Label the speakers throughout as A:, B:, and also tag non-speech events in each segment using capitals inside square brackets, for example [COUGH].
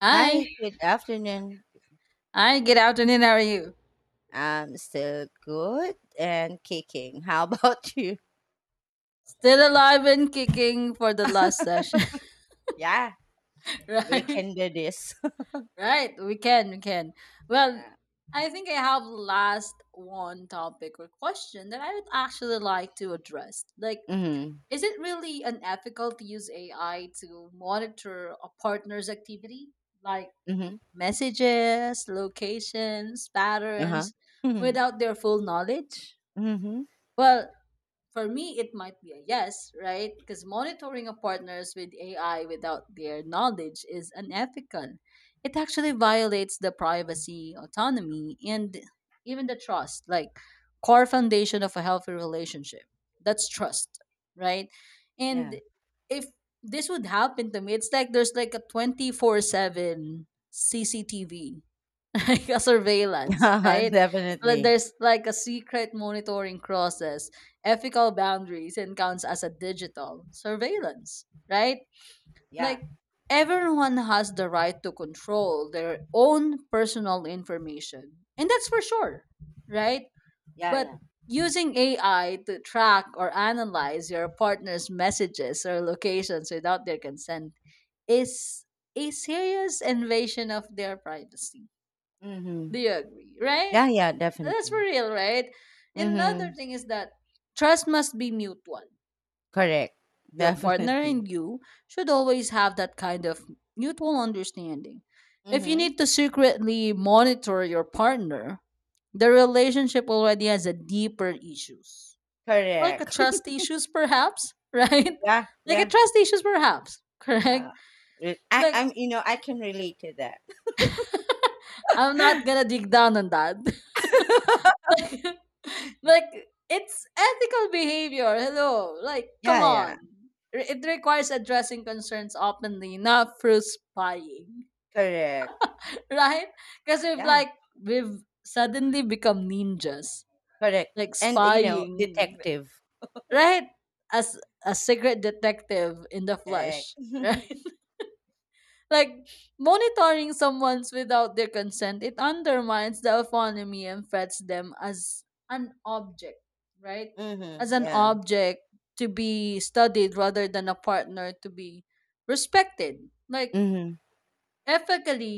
A: Hi.
B: Hi, good afternoon.
A: Hi, good afternoon. How are you?
B: I'm still good and kicking. [LAUGHS] How about you?
A: Still alive and kicking for the last session.
B: Yeah,
A: [LAUGHS]
B: we
A: Right?
B: can do this. [LAUGHS]
A: Right. We can, we can. Well,
B: Yeah.
A: I think I have last one topic or question that I would actually like to address. Like,
B: Mm-hmm.
A: is it really unethical to use AI to monitor a partner's activity? Like
B: Mm-hmm.
A: messages, locations,
B: Uh-huh.
A: patterns,
B: Mm-hmm.
A: without their full knowledge?
B: Mm-hmm.
A: Well, for me it might be a yes, right, because monitoring of partners with ai without their knowledge is unethical. It actually violates the privacy, autonomy, and even the trust, like core foundation of a healthy relationship. That's trust, right? And
B: Yeah.
A: if this would happen to me, it's like there's like a 24/7 CCTV, [LAUGHS] like a
B: [LAUGHS]
A: surveillance,
B: Yeah,
A: right? Like,
B: definitely.
A: there's like a secret monitoring process, ethical boundaries, and counts as a digital surveillance, right?
B: Yeah.
A: Like everyone has the right to control their own personal information, and that's for sure, right?
B: Yeah,
A: But
B: yeah.
A: using AI to track or analyze your partner's messages or locations without their consent is a serious invasion of their privacy.
B: Mm-hmm.
A: Do you agree, right?
B: Yeah, yeah,
A: That's
B: definitely.
A: for real, right? And another
B: Mm-hmm.
A: thing is that trust must be mutual.
B: Correct. [LAUGHS]
A: Your partner
B: Definitely.
A: and you should always have that kind of mutual understanding. If you
B: Mm-hmm.
A: need to secretly monitor your partner, the relationship already has a deeper issues. Like a
B: Correct.
A: trust issues perhaps, [LAUGHS] right?
B: [LAUGHS] Yeah,
A: Like a
B: yeah,
A: trust issues perhaps, [LAUGHS] correct?
B: yeah. Re- I,
A: Like
B: I'm, you know, I can relate to that.
A: I'm not gonna dig down on that. [LAUGHS] Like it's ethical behavior. Hello. Like come
B: [LAUGHS] Yeah, yeah.
A: on. It requires addressing concerns openly, not through spying. [LAUGHS]
B: Correct.
A: Right? Because we've
B: Yeah.
A: like we've suddenly become ninjas.
B: Correct.
A: Like
B: And you know,
A: spying.
B: detective.
A: Right? As a secret detective in the
B: Correct.
A: flesh. [LAUGHS]
B: [LAUGHS]
A: Right? Like monitoring someone's without their consent, it undermines the autonomy and frets them as an object, right?
B: Mhm.
A: As an
B: Yeah.
A: object to be studied rather than a partner to be respected. Like
B: Mhm.
A: ethically,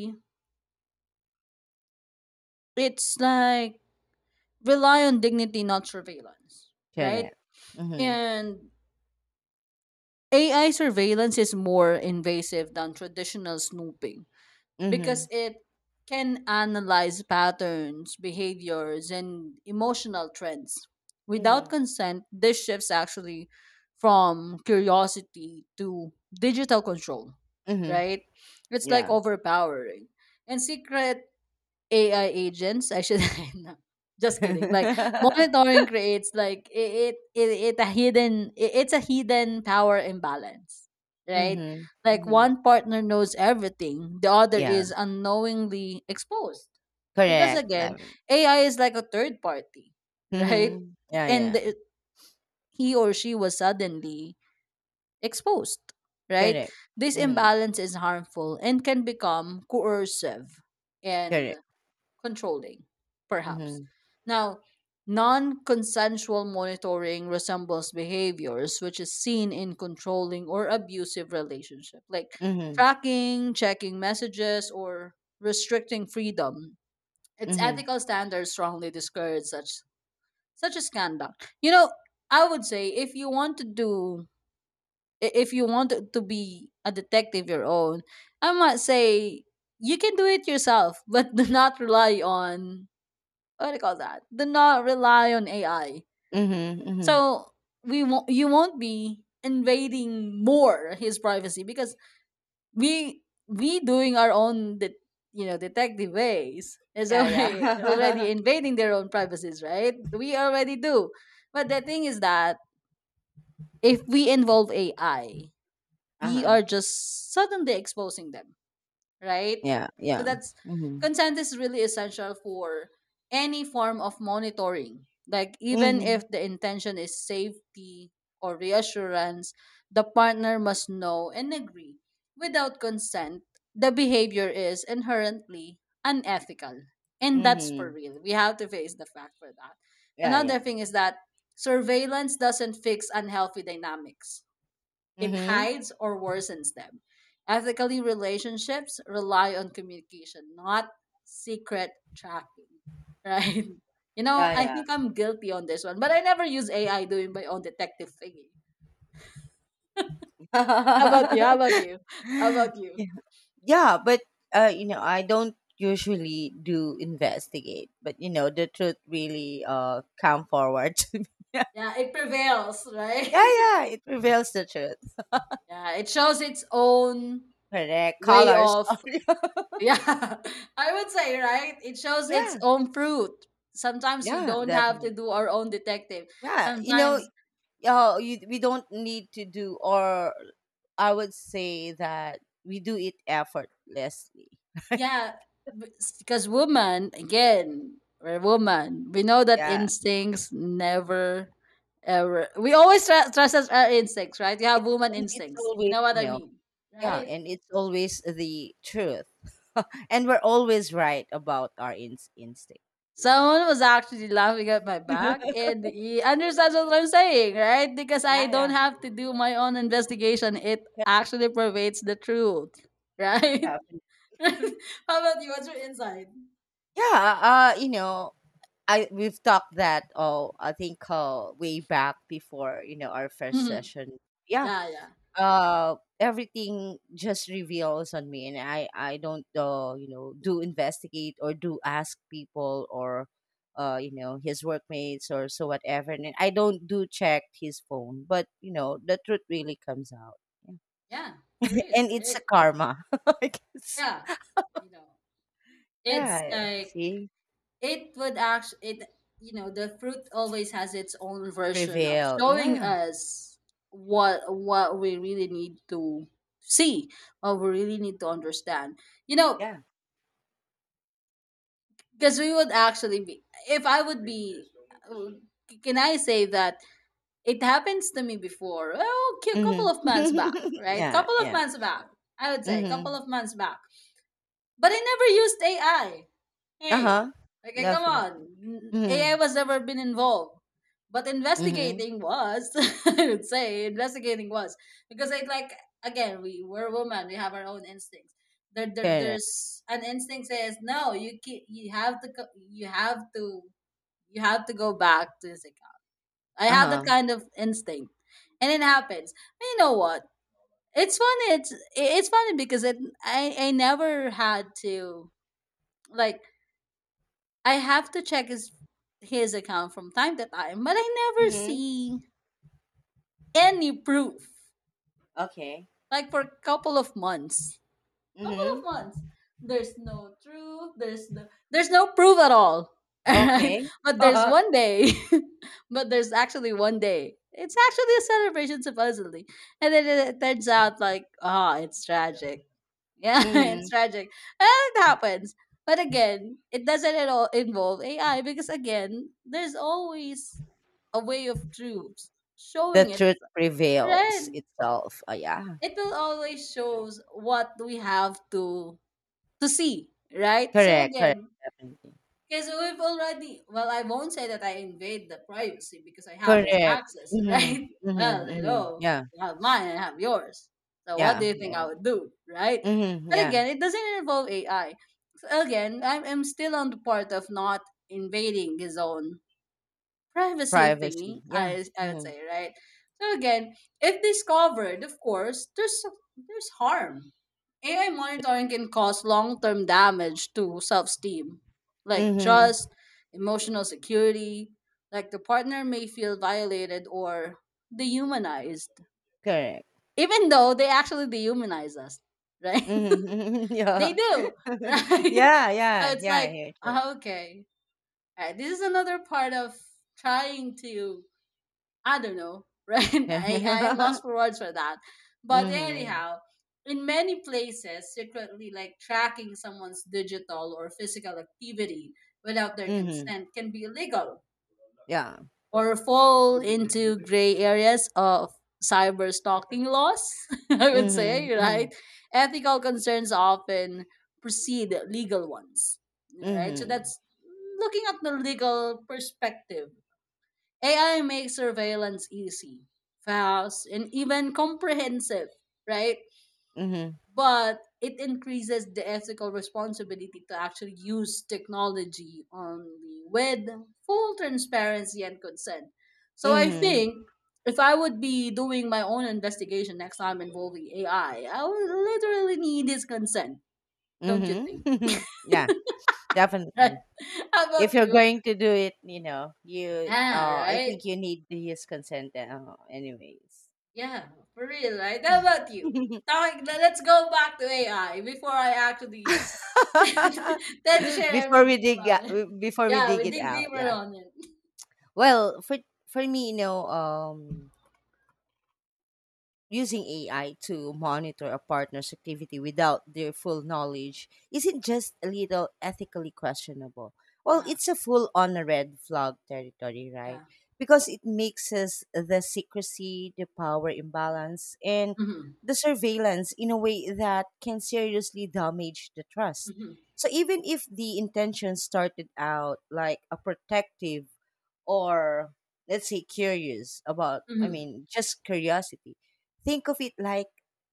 A: it's like rely on dignity, not surveillance, right?
B: Correct. Mhm.
A: And AI surveillance is more invasive than traditional snooping because
B: Mhm.
A: it can analyze patterns, behaviors, and emotional trends. Without
B: Mhm.
A: consent, this shifts actually from curiosity to digital control,
B: Mhm.
A: right? It's like
B: Yeah.
A: overpowering. And secret AI agents. I should [LAUGHS] no, just kidding. Like
B: [LAUGHS]
A: monitoring creates like it's a hidden power imbalance, right?
B: Mhm.
A: Like
B: Mhm.
A: one partner knows everything, the other
B: Yeah.
A: is unknowingly exposed. Because
B: Correct.
A: again,
B: Lavin.
A: AI is like a third party, [LAUGHS] right?
B: Mhm. Yeah.
A: And
B: Yeah.
A: he or she was suddenly exposed, right?
B: Correct.
A: This
B: Mhm.
A: imbalance is harmful and can become coercive and
B: Correct.
A: controlling, perhaps.
B: Mhm.
A: Now, non consensual monitoring resembles behaviors which is seen in controlling or abusive relationship, like
B: Mhm.
A: tracking, checking messages, or restricting freedom. Its
B: Mhm.
A: ethical standards strongly discourage such as conduct. You know, I would say if you want to do if you want to be a detective your own, I might say you can do it yourself, but [LAUGHS] do not rely on what do you call that? Do not rely on AI.
B: Mhm. Mhm.
A: So we won't, you won't be invading more his privacy because we doing our own detective ways is
B: Yeah.
A: already [LAUGHS] already
B: Yeah. [LAUGHS]
A: invading their own privacies, right? We already do. But the thing is that if we involve AI,
B: Uh
A: we
B: huh.
A: are just suddenly exposing them, right?
B: Yeah.
A: So
B: Yeah.
A: that's
B: Mhm.
A: consent is really essential for any form of monitoring. Like even
B: Mhm.
A: if the intention is safety or reassurance, the partner must know and agree. Without consent, the behavior is inherently unethical. And that's for
B: Mhm.
A: real. We have to face the fact for that.
B: Yeah.
A: Another
B: Yeah.
A: thing is that surveillance doesn't fix unhealthy dynamics, it
B: Mhm.
A: hides or worsens them. Ethically, relationships rely on communication, not secret tracking, right? [LAUGHS] You know, I
B: Yeah.
A: think I'm guilty on this one, but I never use AI doing my own detective thingy. How about you?
B: Yeah.
A: How
B: [LAUGHS]
A: about you? How
B: [LAUGHS]
A: about you?
B: Yeah, but you know, I don't usually do investigate, but you know, the truth really come forward [LAUGHS] to me. Yeah,
A: Yeah, it prevails, right?
B: yeah, it reveals the truth.
A: [LAUGHS] Yeah, it shows its own
B: Correct.
A: way
B: Colors.
A: of
B: [LAUGHS]
A: yeah. [LAUGHS] I would say, right, it shows its
B: Yeah,
A: own fruit. Sometimes we
B: yeah,
A: don't have to
B: definitely.
A: do our own detective
B: Yeah, you know,
A: sometimes.
B: we don't need to do, or I would say that we do it effortlessly.
A: Yeah, because woman, again, we're a woman. We know that
B: Yeah,
A: instincts never, ever. We always trust us our instincts, right? You
B: yeah.
A: have woman
B: And it's
A: instincts. You
B: always
A: know what
B: you
A: I
B: know.
A: mean,
B: Yeah,
A: right?
B: and it's always the truth. [LAUGHS] And we're always right about our instinct.
A: Someone was actually laughing at my back,
B: [LAUGHS]
A: and he understands what I'm saying, right? Because I
B: Yeah,
A: don't
B: yeah.
A: have to do my own investigation. It
B: Yeah,
A: actually pervades the truth,
B: mhm,
A: right? [LAUGHS]
B: definitely. [LAUGHS]
A: How about you? What's your insight?
B: Yeah, you know, I we've talked that oh, I think way back before, you know, our first
A: Mhm.
B: session. Yeah,
A: Yeah, yeah,
B: everything just reveals on me and I don't you know do investigate or do ask people or you know his workmates or so whatever, and I don't do check his phone, but you know the truth really comes out. [LAUGHS]
A: yeah. For real,
B: And it's
A: right?
B: a karma, [LAUGHS] I guess.
A: Yeah, you know, it's
B: Yeah.
A: like
B: See.
A: it would actually it, you know, the fruit always has its own version of
B: Prevail,
A: showing
B: yeah.
A: us what we really need to see, what we really need to understand. You know,
B: Yeah.
A: because we would actually be, if I would be, uh, can I say that it happens to me before? Well, a couple of months back,
B: Mm-hmm. [LAUGHS]
A: right?
B: Yeah,
A: Couple of
B: yeah.
A: months back, I would say, couple
B: Mm-hmm.
A: of months back. But I never used AI. Hey,
B: Uh-huh.
A: okay, come
B: Definitely.
A: on. AI
B: Mm-hmm.
A: was never been involved, but
B: Mm-hmm.
A: investigating was. [LAUGHS] I would say investigating was because I like again we we're women. We have our own instincts. There, there
B: Correct.
A: there's an instinct says no. You keep, you have to go back to this account. I have that
B: Uh-huh.
A: kind of instinct, and it happens. You know what? It's funny. It's funny because it I never had to, like, I have to check his account from time to time, but I never
B: Mm-hmm.
A: see any proof.
B: Okay.
A: Like for a couple of months. Couple of
B: Mm-hmm.
A: months. There's no truth. There's no proof at all. [LAUGHS] Alright.
B: Okay.
A: But there's
B: [LAUGHS]
A: one day. [LAUGHS] But there's actually one day. It's actually a celebration supposedly. And then it turns out like ah, it's tragic. Yeah, [LAUGHS]
B: Mm-hmm.
A: it's tragic. And it happens. But again, it doesn't at all involve AI because again, there's always a way of truth
B: The
A: showing it.
B: truth prevails
A: Right?
B: itself. Oh, yeah.
A: It will always shows what we have to see, right? So
B: Correct. Correct.
A: again,
B: Definitely.
A: because we've already, well, I won't say that I invade the privacy because I have his
B: Correct.
A: access, [LAUGHS]
B: Mm-hmm.
A: right? Well,
B: Mm-hmm. Mm-hmm.
A: hello,
B: Yeah.
A: you have mine, I have yours. So what do
B: Yeah.
A: you think I would do, right?
B: Mm-hmm.
A: But
B: Yeah.
A: again, it doesn't involve AI. So again, I'm still on the part of not invading his own privacy thingy,
B: Privacy.
A: I
B: Yeah.
A: I would
B: Mm-hmm.
A: say, right? So again, if discovered, of course, there's harm. AI monitoring can cause long-term damage to self-esteem, like
B: Mm-hmm.
A: trust, emotional security, like the partner may feel violated or dehumanized,
B: Correct.
A: even though they actually dehumanize us, right?
B: Mm-hmm. [LAUGHS]
A: [LAUGHS] They
B: Yeah.
A: do,
B: [LAUGHS]
A: right? [LAUGHS]
B: Yeah.
A: So
B: Yeah.
A: it's
B: Yeah. I
A: like,
B: hear it.
A: "Ah, okay, all right, this is another part of trying to I don't know," [LAUGHS] right? I am
B: [LAUGHS]
A: lost for words for that. But
B: Mm-hmm.
A: anyhow, in many places, secretly like tracking someone's digital or physical activity without their
B: Mm-hmm.
A: consent can be illegal
B: Yeah.
A: or fall into gray areas of cyber stalking laws, [LAUGHS] I would
B: Mm-hmm.
A: say,
B: Mm-hmm.
A: right? Ethical concerns often precede legal ones, right? So
B: Mm-hmm.
A: that's looking at the legal perspective, AI makes surveillance easy, fast, and even comprehensive, right?
B: Mm-hmm.
A: But it increases the ethical responsibility to actually use technology only with full transparency and consent. So I
B: Mm-hmm.
A: think if I would be doing my own investigation next time involving AI, I would literally need his consent, don't you think? [LAUGHS]
B: [LAUGHS] Yeah.
A: Right?
B: Definitely.
A: How about
B: If you're
A: you?
B: going to do it, you know, you
A: Yeah,
B: I think
A: right.
B: you need his consent, anyways.
A: Yeah, for real, right? How about you?
B: [LAUGHS]
A: Talking, let's go back to AI before I actually [LAUGHS] tend to share
B: before we
A: everything
B: dig
A: about
B: out,
A: it. [LAUGHS]
B: Before we
A: Yeah, we
B: dig it
A: dig
B: out,
A: deeper
B: yeah.
A: on it.
B: Well, for me, you know, using AI to monitor a partner's activity without their full knowledge isn't just a little ethically questionable. Well,
A: Yeah,
B: it's a full on a red flag territory, right?
A: yeah.
B: Because it mixes the secrecy, the power imbalance, and
A: Mm-hmm.
B: the surveillance in a way that can seriously damage the trust.
A: Mm-hmm.
B: So even if the intention started out like a protective or, let's say, curious about,
A: Mm-hmm.
B: just curiosity, think of it like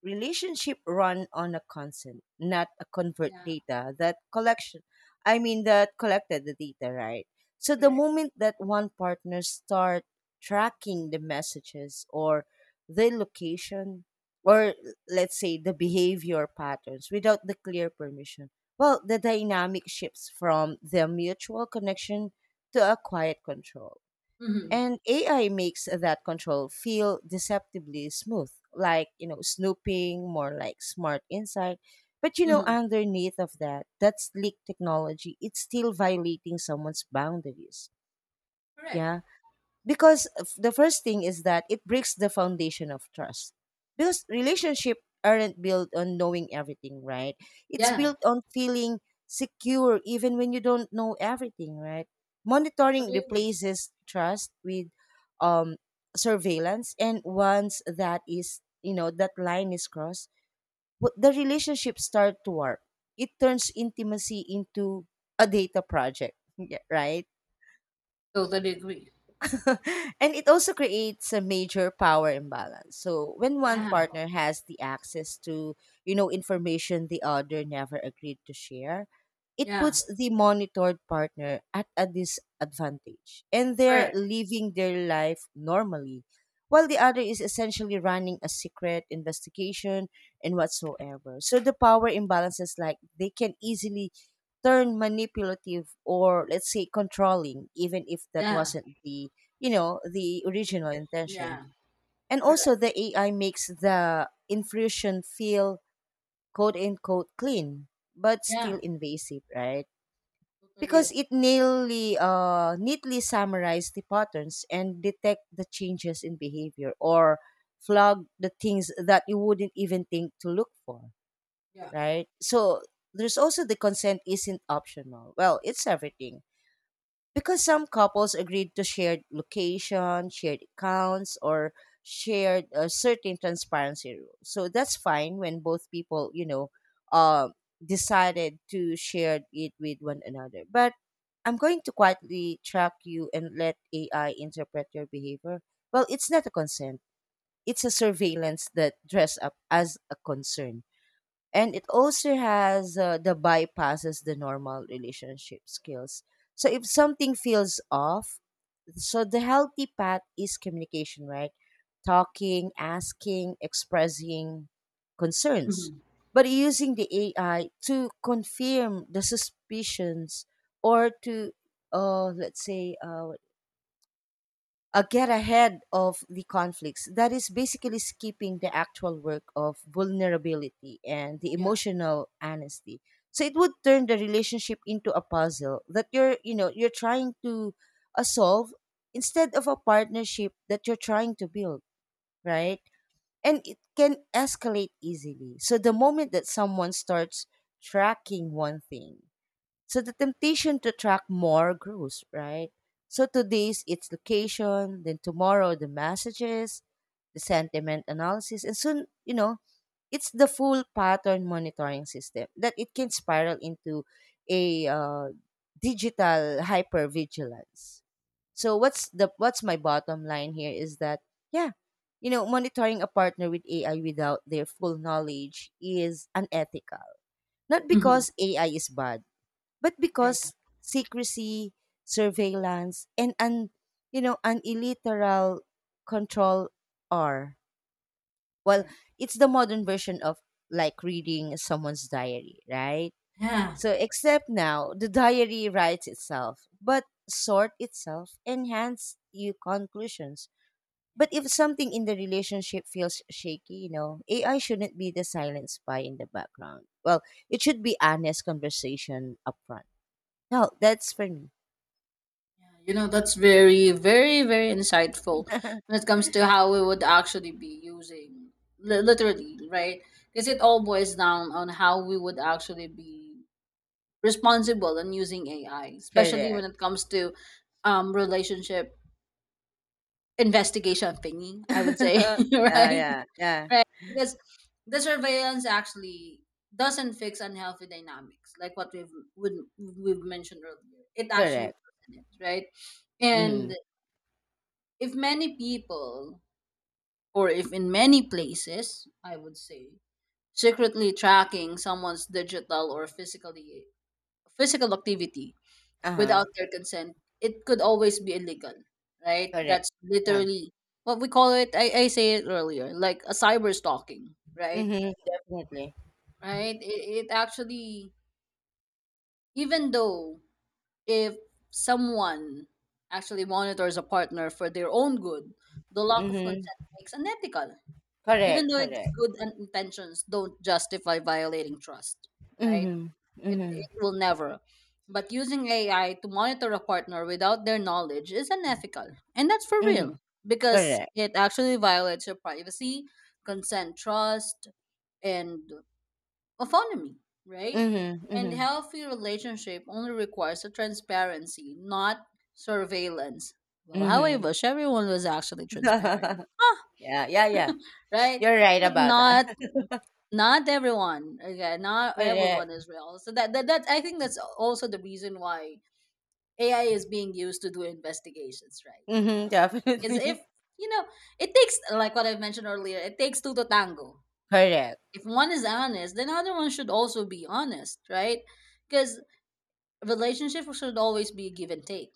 B: relationship run on a consent, not a convert
A: Yeah,
B: data that collection, I mean that collected the data, right? So the
A: correct.
B: moment that one partner start tracking the messages or the location or, let's say, the behavior patterns without the clear permission, well, the dynamic shifts from the mutual connection to acquired control.
A: Mm-hmm.
B: And AI makes that control feel deceptively smooth, like, you know, snooping, more like smart insight. But, you know,
A: Mm-hmm.
B: underneath of that, that sleek technology, it's still violating someone's boundaries.
A: Correct.
B: Yeah, because the first thing is that it breaks the foundation of trust, because relationship aren't built on knowing everything, right? It's
A: Yeah,
B: built on feeling secure even when you don't know everything, right? Monitoring
A: totally agree.
B: replaces trust with, um surveillance, and once that is, you know, that line is crossed, what the relationship start to warp. It turns intimacy into a data project. [LAUGHS] Yeah, right.
A: Totally agree.
B: [LAUGHS] And it also creates a major power imbalance. So when one
A: Yeah,
B: partner has the access to, you know, information the other never agreed to share, it
A: yeah,
B: puts the monitored partner at a disadvantage. And they're
A: correct.
B: living their life normally, while the other is essentially running a secret investigation and whatsoever. So the power imbalances like they can easily turn manipulative or, let's say, controlling, even if that
A: Yeah,
B: wasn't the, you know, the original intention.
A: yeah,
B: And
A: correct.
B: also the AI makes the intrusion feel quote unquote clean, but
A: Yeah,
B: still invasive, right?
A: totally
B: Because
A: agree.
B: it nearly neatly summarized the patterns and detect the changes in behavior or flag the things that you wouldn't even think to look for,
A: Yeah.
B: right? So there's also the consent isn't optional, well, it's everything, because some couples agreed to shared location, shared accounts, or shared certain transparency rules. So that's fine when both people, you know, uh, decided to share it with one another. But I'm going to quietly track you and let AI interpret your behavior. Well, it's not a consent. It's a surveillance that dress up as a concern. And it also has, the bypasses the normal relationship skills. So if something feels off, so the healthy path is communication, right? Talking, asking, expressing concerns.
A: Mm-hmm.
B: But using the AI to confirm the suspicions or to, let's say, get ahead of the conflicts. That is basically skipping the actual work of vulnerability and the
A: Yeah.
B: emotional honesty. So it would turn the relationship into a puzzle that you're, you know, you're trying to, solve, instead of a partnership that you're trying to build, right? And it can escalate easily. So the moment that someone starts tracking one thing, so the temptation to track more grows, right? So today's its location, then tomorrow the messages, the sentiment analysis, and soon, you know, it's the full pattern monitoring system that it can spiral into a digital hypervigilance. So what's my bottom line here is that, yeah, you know, monitoring a partner with AI without their full knowledge is unethical. Not
A: Mm-hmm.
B: because AI is bad, but
A: Yeah, yeah,
B: because secrecy, surveillance, and un, you know, an illiteral control are, well,
A: correct.
B: it's the modern version of, like, reading someone's diary, right?
A: Yeah.
B: So except now, the diary writes itself, but sort itself, and hands you conclusions. But
A: Yeah.
B: if something in the relationship feels shaky, you know, AI shouldn't be the silent spy in the background. Well, it should be honest conversation upfront. No, that's for me.
A: Yeah, you know, that's very, very, very insightful when it comes to how we would actually be using literally, right? Because it all boils down on how we would actually be responsible in using AI, especially when
B: Correct.
A: it comes to relationship investigation thingy, I would say, [LAUGHS]
B: [LAUGHS] Yeah,
A: right?
B: yeah, yeah.
A: Right. Because the surveillance actually doesn't fix unhealthy dynamics, like what we've mentioned earlier. It actually
B: Correct.
A: worsens it, right? And
B: Mhm.
A: if many people, or if in many places I would say, secretly tracking someone's digital or physical activity
B: Uh-huh.
A: without their consent, it could always be illegal, right?
B: Correct.
A: That's
B: Yeah.
A: literally what we call it. I say it earlier, like a cyber stalking, right?
B: Mhm. Definitely.
A: Right. It actually, even though, if someone actually monitors a partner for their own good, the lack of
B: Mhm.
A: consent makes unethical, even
B: Correct,
A: though it's
B: correct.
A: good intentions don't justify violating trust, right?
B: Mhm.
A: it,
B: Mhm.
A: it will never. But using ai to monitor a partner without their knowledge is unethical, and that's for real,
B: Mhm.
A: because
B: Correct.
A: it actually violates your privacy, consent, trust, and autonomy, right?
B: Mhm.
A: And
B: Mhm.
A: healthy relationship only requires a transparency, not surveillance. Well, however
B: Mhm.
A: everyone was actually transparent,
B: [LAUGHS] Yeah, yeah, yeah.
A: right?
B: You're right
A: But
B: about that.
A: not
B: [LAUGHS]
A: not everyone. Okay, not everyone
B: Correct.
A: is real. So that I think that's also the reason why AI is being used to do investigations, right?
B: Mhm.
A: Is if
B: Definitely.
A: you know it takes like what I've mentioned earlier, it takes two to tango.
B: [LAUGHS] Correct.
A: If one is honest, then other one should also be honest, right? Because relationships should always be give and take,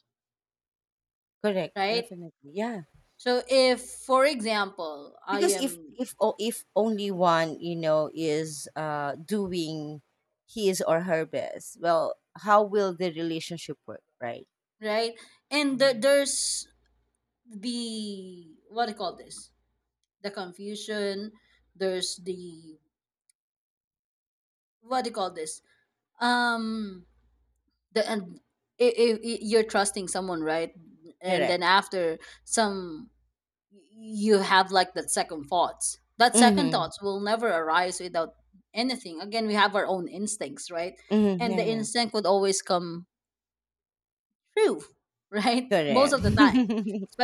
B: Correct.
A: right?
B: Definitely. Yeah.
A: So if, for example, I
B: Because if
A: am
B: if or if only one, you know, is doing his or her best, well, how will the relationship work, right?
A: right, and the,
B: Hmm.
A: there's the what do you call this? The confusion, there's the what do you call this um the and you're trusting someone, right? And
B: Correct.
A: then after some, you have like that second thoughts. That second
B: Mm-hmm.
A: thoughts will never arise without anything. Again, we have our own instincts, right?
B: Mm-hmm.
A: And
B: Yeah,
A: the
B: yeah.
A: instinct would always come true, [LAUGHS] right, most
B: Correct.
A: of the time,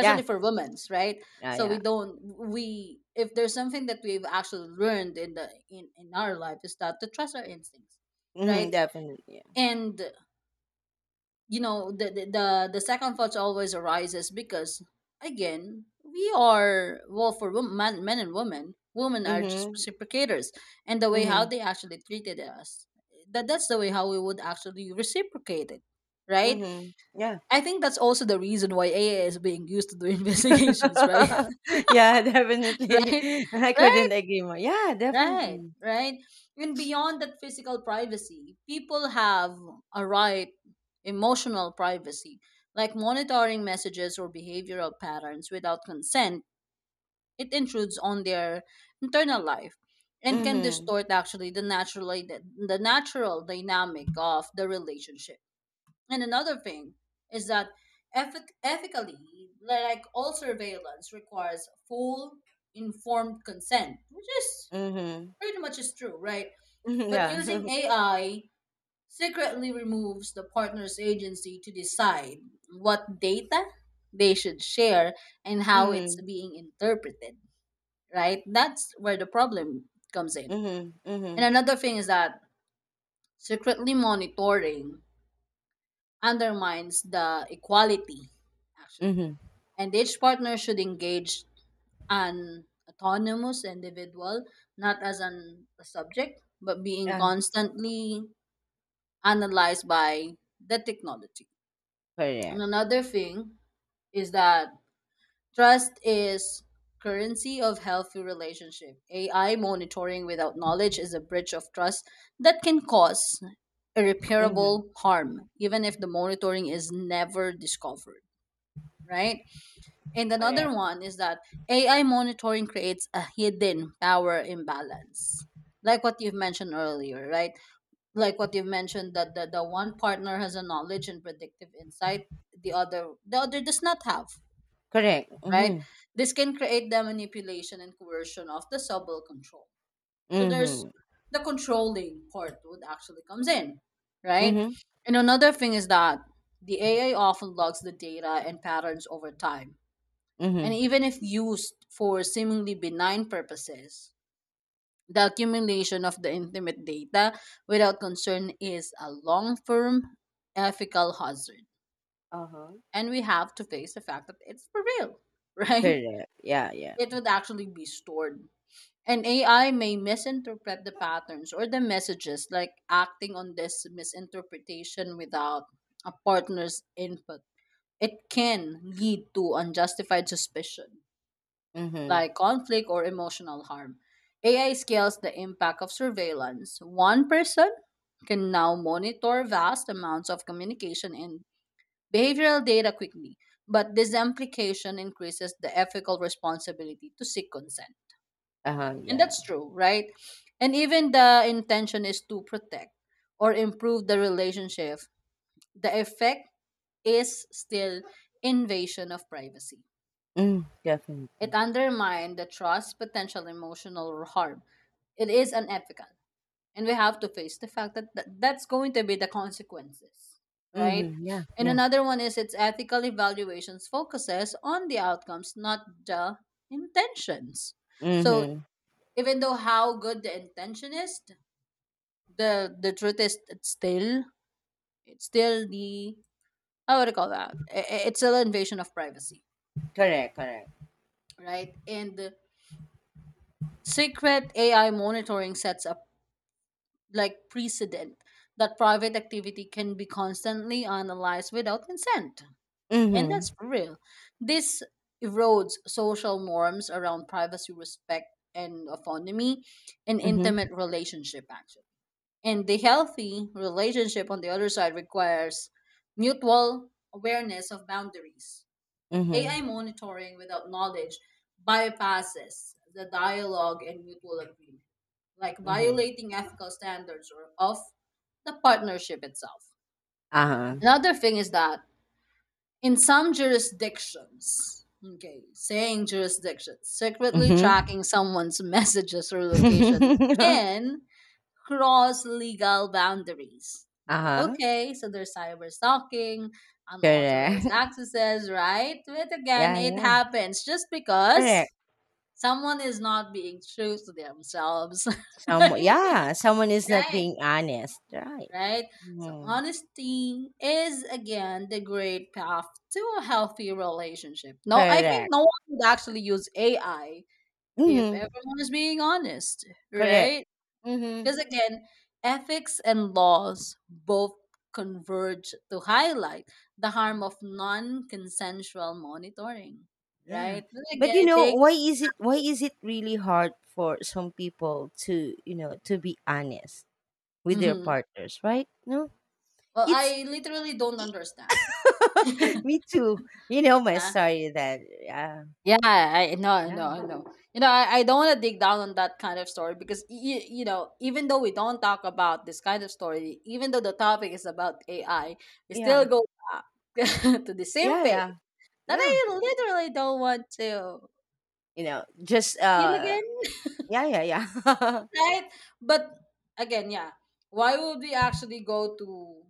B: [LAUGHS] Yeah,
A: for women's, right?
B: yeah,
A: So we
B: yeah.
A: don't we if there's something that we've actually learned in our life is that to trust our instincts, right?
B: Mm-hmm. Definitely, yeah.
A: And the second thought always arises because again we are, well for men and women are just
B: Mm-hmm.
A: reciprocators, and the way how
B: Mm-hmm.
A: they actually treated us, that's the way how we would actually reciprocate it, right?
B: Mm-hmm. Yeah.
A: I think that's also the reason why AI is being used to do [LAUGHS] investigations, right?
B: [LAUGHS] Yeah,
A: [LAUGHS]
B: definitely.
A: Right?
B: [LAUGHS] I
A: Right?
B: couldn't agree more, yeah,
A: Right?
B: definitely.
A: Right? And beyond that physical privacy, people have a right, emotional privacy, like monitoring messages or behavioral patterns without consent. It intrudes on their internal life and can
B: Mm-hmm.
A: distort actually the natural dynamic of the relationship. And another thing is that ethically, like all surveillance, requires full informed consent, which is
B: Mm-hmm.
A: pretty much is true, right? But
B: [LAUGHS] Yeah.
A: using AI secretly removes the partner's agency to decide what data they should share and
B: [LAUGHS]
A: how it's
B: Mm-hmm.
A: being interpreted, right? That's where the problem comes in.
B: Mm-hmm.
A: And
B: Mm-hmm.
A: another thing is that secretly monitoring undermines the equality actually,
B: Mm-hmm.
A: and each partner should engage an autonomous individual, not as a subject, but being
B: Yeah.
A: constantly analyzed by the technology. And
B: Correct.
A: another thing is that trust is currency of healthy relationship. AI monitoring without knowledge is a breach of trust that can cause
B: Mhm.
A: irreparable harm, even if the monitoring is never discovered, right? And another
B: Correct.
A: one is that AI monitoring creates a hidden power imbalance. Like what you've mentioned earlier, right? Like what you've mentioned that the one partner has a knowledge and predictive insight, the other does not have,
B: Correct.
A: right?
B: Mhm.
A: This can create the manipulation and coercion of the subtle control. So there's
B: Mhm.
A: the controlling part would actually comes in, right?
B: Mhm.
A: And another thing is that the AI often logs the data and patterns over time, and
B: Mhm.
A: even if used for seemingly benign purposes, the accumulation of the intimate data without concern is a long term ethical hazard.
B: Uh-huh.
A: And we have to face the fact that it's for real, [LAUGHS] right?
B: Correct. Yeah, yeah.
A: It would actually be stored. And AI may misinterpret the patterns or the messages, like acting on this misinterpretation without a partner's input. It can lead to unjustified suspicion,
B: Mhm.
A: like conflict or emotional harm. AI scales the impact of surveillance. One person can now monitor vast amounts of communication and behavioral data quickly, but this implication increases the ethical responsibility to seek consent.
B: Uh-huh,
A: And
B: yeah.
A: that's true, right? And even the intention is to protect or improve the relationship, the effect is still invasion of privacy.
B: Mm,
A: It
B: definitely.
A: undermined the trust, potential emotional harm. It is unethical. And we have to face the fact that that's going to be the consequences, right?
B: Mhm. Yeah,
A: And
B: yeah.
A: another one is its ethical evaluations focuses on the outcomes, not the intentions. So
B: Mhm.
A: even though how good the intention is, the truth is it's still the how would I call that? It's still an invasion of privacy,
B: Correct, correct.
A: right? And the secret AI monitoring sets up like precedent that private activity can be constantly analyzed without consent. And
B: Mhm.
A: that's for real. This erodes social norms around privacy, respect, and autonomy and
B: Mhm.
A: intimate relationship, actually. And the healthy relationship on the other side requires mutual awareness of boundaries.
B: Mhm.
A: AI monitoring without knowledge bypasses the dialogue and mutual agreement, like
B: Mhm.
A: violating ethical standards or of the partnership itself.
B: Uh-huh.
A: Another thing is that in some jurisdictions, okay, saying jurisdictions, secretly
B: Mhm.
A: tracking someone's [LAUGHS] messages or location
B: [LAUGHS]
A: can cross legal boundaries. I'm like,
B: Uh-huh.
A: okay, so there's cyber stalking,
B: Correct.
A: unauthorized
B: [LAUGHS]
A: accesses, right? But again,
B: Yeah,
A: it
B: yeah.
A: happens just because
B: Correct.
A: someone is not being true to themselves. [LAUGHS]
B: Some,
A: Right?
B: yeah, someone is not
A: Right.
B: being honest, right?
A: Right? So
B: Mhm.
A: honesty is again the great path to a healthy relationship. No, I think
B: Correct.
A: no one would actually use AI if
B: Mhm.
A: everyone is being honest,
B: Correct.
A: right?
B: Mhm.
A: Because again, ethics and laws both converge to highlight the
B: Yeah.
A: harm of non consensual monitoring,
B: Yeah.
A: right? But
B: But
A: again,
B: you
A: I
B: know,
A: think,
B: why is it really hard for some people to, you know, to be honest with their
A: mhm,
B: partners, right? No?
A: well,
B: It's
A: I literally don't understand.
B: [LAUGHS]
A: [LAUGHS]
B: Me too. You know my
A: Nah.
B: story that, yeah.
A: Yeah, I know, I know,
B: Yeah.
A: I know. You know, I don't want to dig down on that kind of story because, you know, even though we don't talk about this kind of story, even though the topic is about AI, we still
B: Yeah.
A: go back [LAUGHS] to the same
B: Yeah,
A: page
B: yeah.
A: that
B: Yeah.
A: I literally don't want to
B: You know, just
A: feel again,
B: yeah, yeah, yeah. [LAUGHS]
A: right? But again, yeah, why would we actually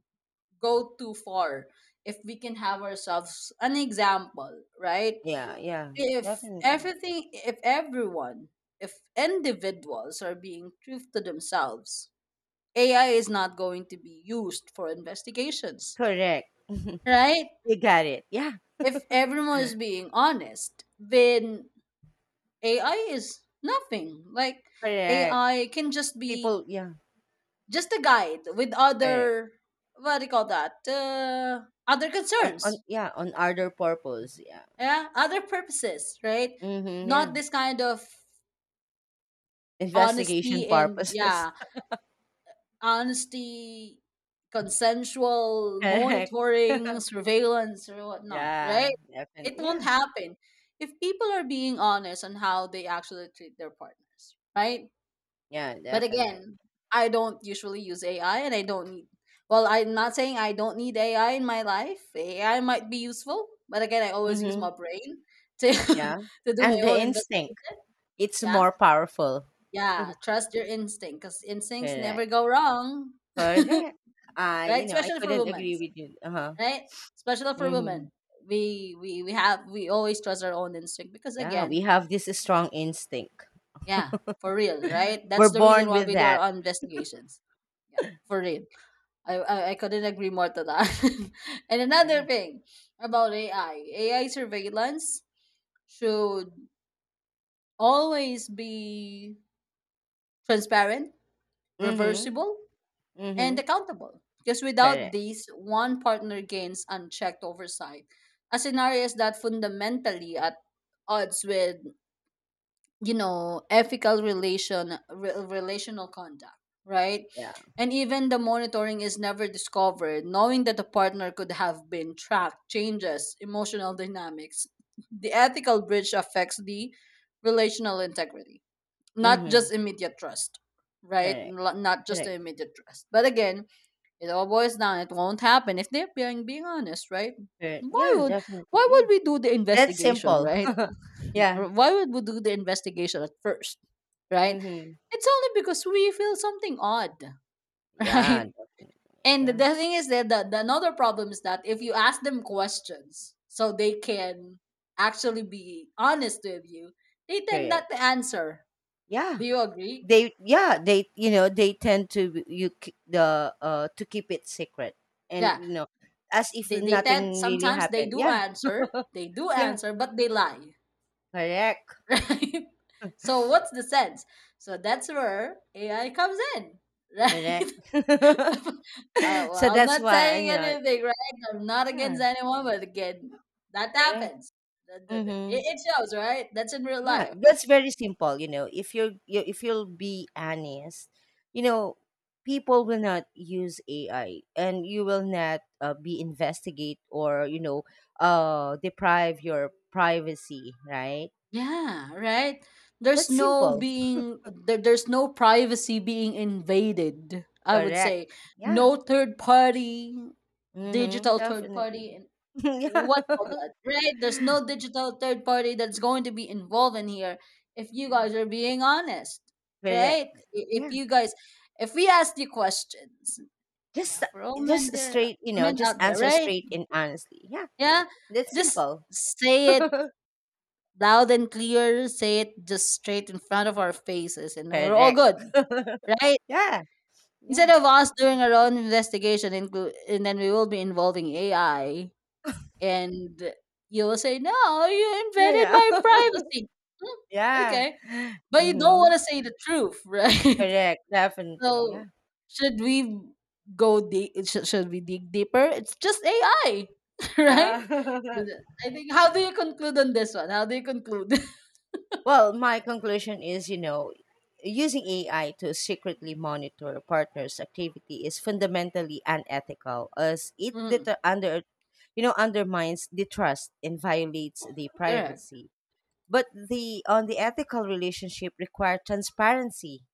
A: go too far if we can have ourselves an example, right?
B: Yeah, yeah.
A: If
B: Definitely.
A: everything, if everyone, if individuals are being truth to themselves, AI is not going to be used for investigations,
B: Correct.
A: right?
B: You got it. Yeah.
A: If everyone is being honest, then AI is nothing. Like
B: Correct.
A: AI can just be
B: People, yeah,
A: just a guide with
B: correct.
A: other what do you call that other
B: On
A: concerns,
B: on yeah, on other purpose, yeah.
A: yeah, other purposes, right,
B: Mhm, yeah.
A: not this kind of
B: Investigation
A: honesty and
B: purposes.
A: yeah, honesty,
B: [LAUGHS]
A: consensual
B: Correct.
A: monitoring,
B: [LAUGHS]
A: surveillance or whatnot,
B: Yeah,
A: right? It
B: definitely.
A: won't
B: Yeah,
A: happen if people are being honest on how they actually treat their partners, right?
B: yeah,
A: But
B: definitely.
A: again, I don't usually use AI and I don't need, well, I'm not saying I don't need AI in my life. AI might be useful, but again, I always use
B: Mm-hmm.
A: my brain to
B: Yeah.
A: [LAUGHS] to do
B: And
A: my
B: the
A: own
B: instinct,
A: investigation.
B: it's
A: Yeah.
B: more powerful.
A: Yeah,
B: [LAUGHS]
A: trust your instinct cuz instincts never
B: Correct.
A: go wrong.
B: Correct.
A: [LAUGHS]
B: I,
A: Right?
B: you know, I
A: Especially for
B: couldn't
A: women,
B: agree with you. Uh-huh.
A: right? Especially for
B: Mm-hmm.
A: women. We always trust our own instinct because
B: Yeah,
A: again,
B: we have this strong instinct.
A: yeah, for real, right?
B: We're
A: That's the reason
B: born
A: why
B: with
A: we do our
B: that.
A: own investigations. Yeah, for real. I couldn't agree more to that. [LAUGHS] And another
B: Yeah.
A: thing about AI surveillance should always be transparent,
B: Mm-hmm.
A: reversible, and
B: Mm-hmm.
A: accountable. Because without
B: Correct.
A: these, one partner gains unchecked oversight, a scenario is that fundamentally at odds with you know ethical relational conduct, right?
B: Yeah.
A: And even the monitoring is never discovered, knowing that the partner could have been tracked changes emotional dynamics. The ethical bridge affects the relational integrity, not
B: Mm-hmm.
A: just immediate trust, right?
B: Correct.
A: Not just the
B: Correct.
A: immediate trust, but again, it all boils down, it won't happen if they're being honest, right?
B: Correct.
A: why
B: Yeah,
A: would
B: definitely.
A: why would
B: Yeah.
A: we do the
B: That's
A: investigation,
B: simple.
A: right?
B: [LAUGHS] Yeah.
A: Or why would we do the investigation at first, right?
B: Mm-hmm.
A: It's only because we feel something odd, [LAUGHS] right?
B: Yeah, definitely.
A: And the
B: Yeah.
A: thing is that the another problem is that if you ask them questions so they can actually be honest with you, they tend not
B: Period.
A: to answer.
B: Yeah,
A: Do you agree?
B: they you know they tend to keep it secret, and
A: Yeah.
B: you know, as if
A: They tend,
B: nothing really
A: sometimes
B: happened. Yeah, [LAUGHS]
A: they do
B: yeah,
A: answer, but they lie. [LAUGHS]
B: correct,
A: Right? So what's the sense? So that's where AI comes in, [LAUGHS]
B: correct.
A: right?
B: [LAUGHS] So
A: Well, I'm
B: that's
A: not
B: why,
A: saying
B: you know,
A: anything, right? I'm not
B: yeah,
A: against anyone, but again, that
B: correct.
A: happens. It,
B: Mm-hmm.
A: it shows, right? That's in real
B: Yeah,
A: life.
B: that's very simple. You know, if you'll be honest, you know, people will not use AI, and you will not be investigate or you know, deprive your privacy. Right?
A: Yeah, right? There's
B: That's
A: no
B: simple.
A: privacy being invaded, I would say.
B: Correct. Yeah.
A: No third party,
B: Mm-hmm.
A: digital third
B: Definitely.
A: party and
B: [LAUGHS] Yeah.
A: what all that, right? There's no digital third party that's going to be involved in here if you
B: Yeah.
A: guys are being honest,
B: Correct.
A: right? If
B: Yeah.
A: you guys, if we ask you questions, yeah,
B: Just
A: for all
B: just straight. You know,
A: men
B: just
A: out there,
B: answer
A: right?
B: straight and honestly. Yeah.
A: Yeah.
B: That's
A: Just
B: simple.
A: say it
B: [LAUGHS]
A: loud and clear, say it just straight in front of our faces, and we're all good,
B: Correct.
A: right?
B: Yeah. Yeah.
A: Instead of us doing our own investigation, and then we will be involving AI, and you will say, "No, you invaded
B: Yeah.
A: my
B: Yeah. [LAUGHS]
A: privacy." Hmm,
B: Yeah.
A: okay,
B: [LAUGHS]
A: but you don't want
B: Mhm.
A: to say the truth, [LAUGHS] right?
B: Correct, definitely,
A: So,
B: yeah.
A: should we go deep? Should we dig deeper? It's just AI, [LAUGHS] right?
B: Yeah. [LAUGHS]
A: I think. How do you conclude on this one? How do you conclude? [LAUGHS]
B: Well, my conclusion is, you know, using AI to secretly monitor a partner's activity is fundamentally unethical, as it
A: Mm,
B: under, you know, undermines the trust and violates the
A: correct.
B: privacy. But the, on the ethical relationship require transparency,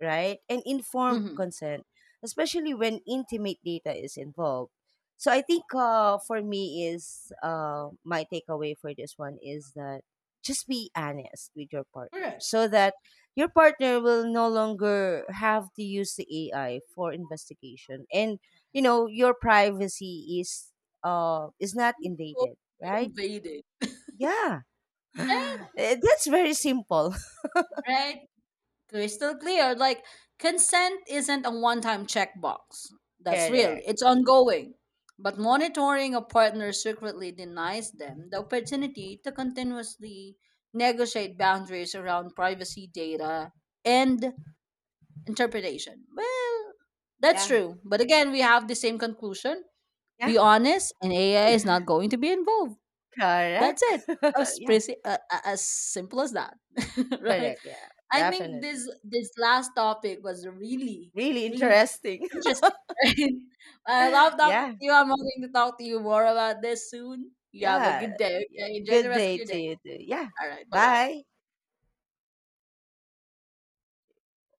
B: right? And informed
A: Mhm.
B: consent, especially when intimate data is involved. So I think, for me is, my takeaway for this one is that just be honest with your partner
A: Correct.
B: so that your partner will no longer have to use the AI for investigation, and you know your privacy is not
A: Go
B: invaded, right?
A: invaded.
B: Yeah. [GASPS] [SIGHS]
A: Right,
B: Eh, that's very simple.
A: right. Crystal clear. Like consent isn't a one-time checkbox.
B: [LAUGHS]
A: That's real.
B: Correct.
A: It's ongoing. But monitoring a partner secretly denies them the opportunity to continuously negotiate boundaries around privacy data and interpretation. Well, that's
B: Yeah.
A: true. But again, we have the same conclusion.
B: Yeah.
A: Be honest, and AI is not going to be involved. That's
B: Correct.
A: it.
B: [LAUGHS]
A: As,
B: Yeah.
A: as simple as that. [LAUGHS] Right?
B: Correct. Yeah,
A: I think this
B: definitely.
A: this last topic was really
B: Really
A: really
B: interesting.
A: interesting. [LAUGHS] Right? I love
B: [LAUGHS]
A: talking to
B: Yeah,
A: you. I'm hoping to talk to you more about this soon. You have a
B: yeah,
A: good day.
B: yeah.
A: Okay, enjoy the
B: Good
A: rest of
B: day
A: your
B: to
A: day.
B: you too. Yeah.
A: All right, bye bye.
B: Bye.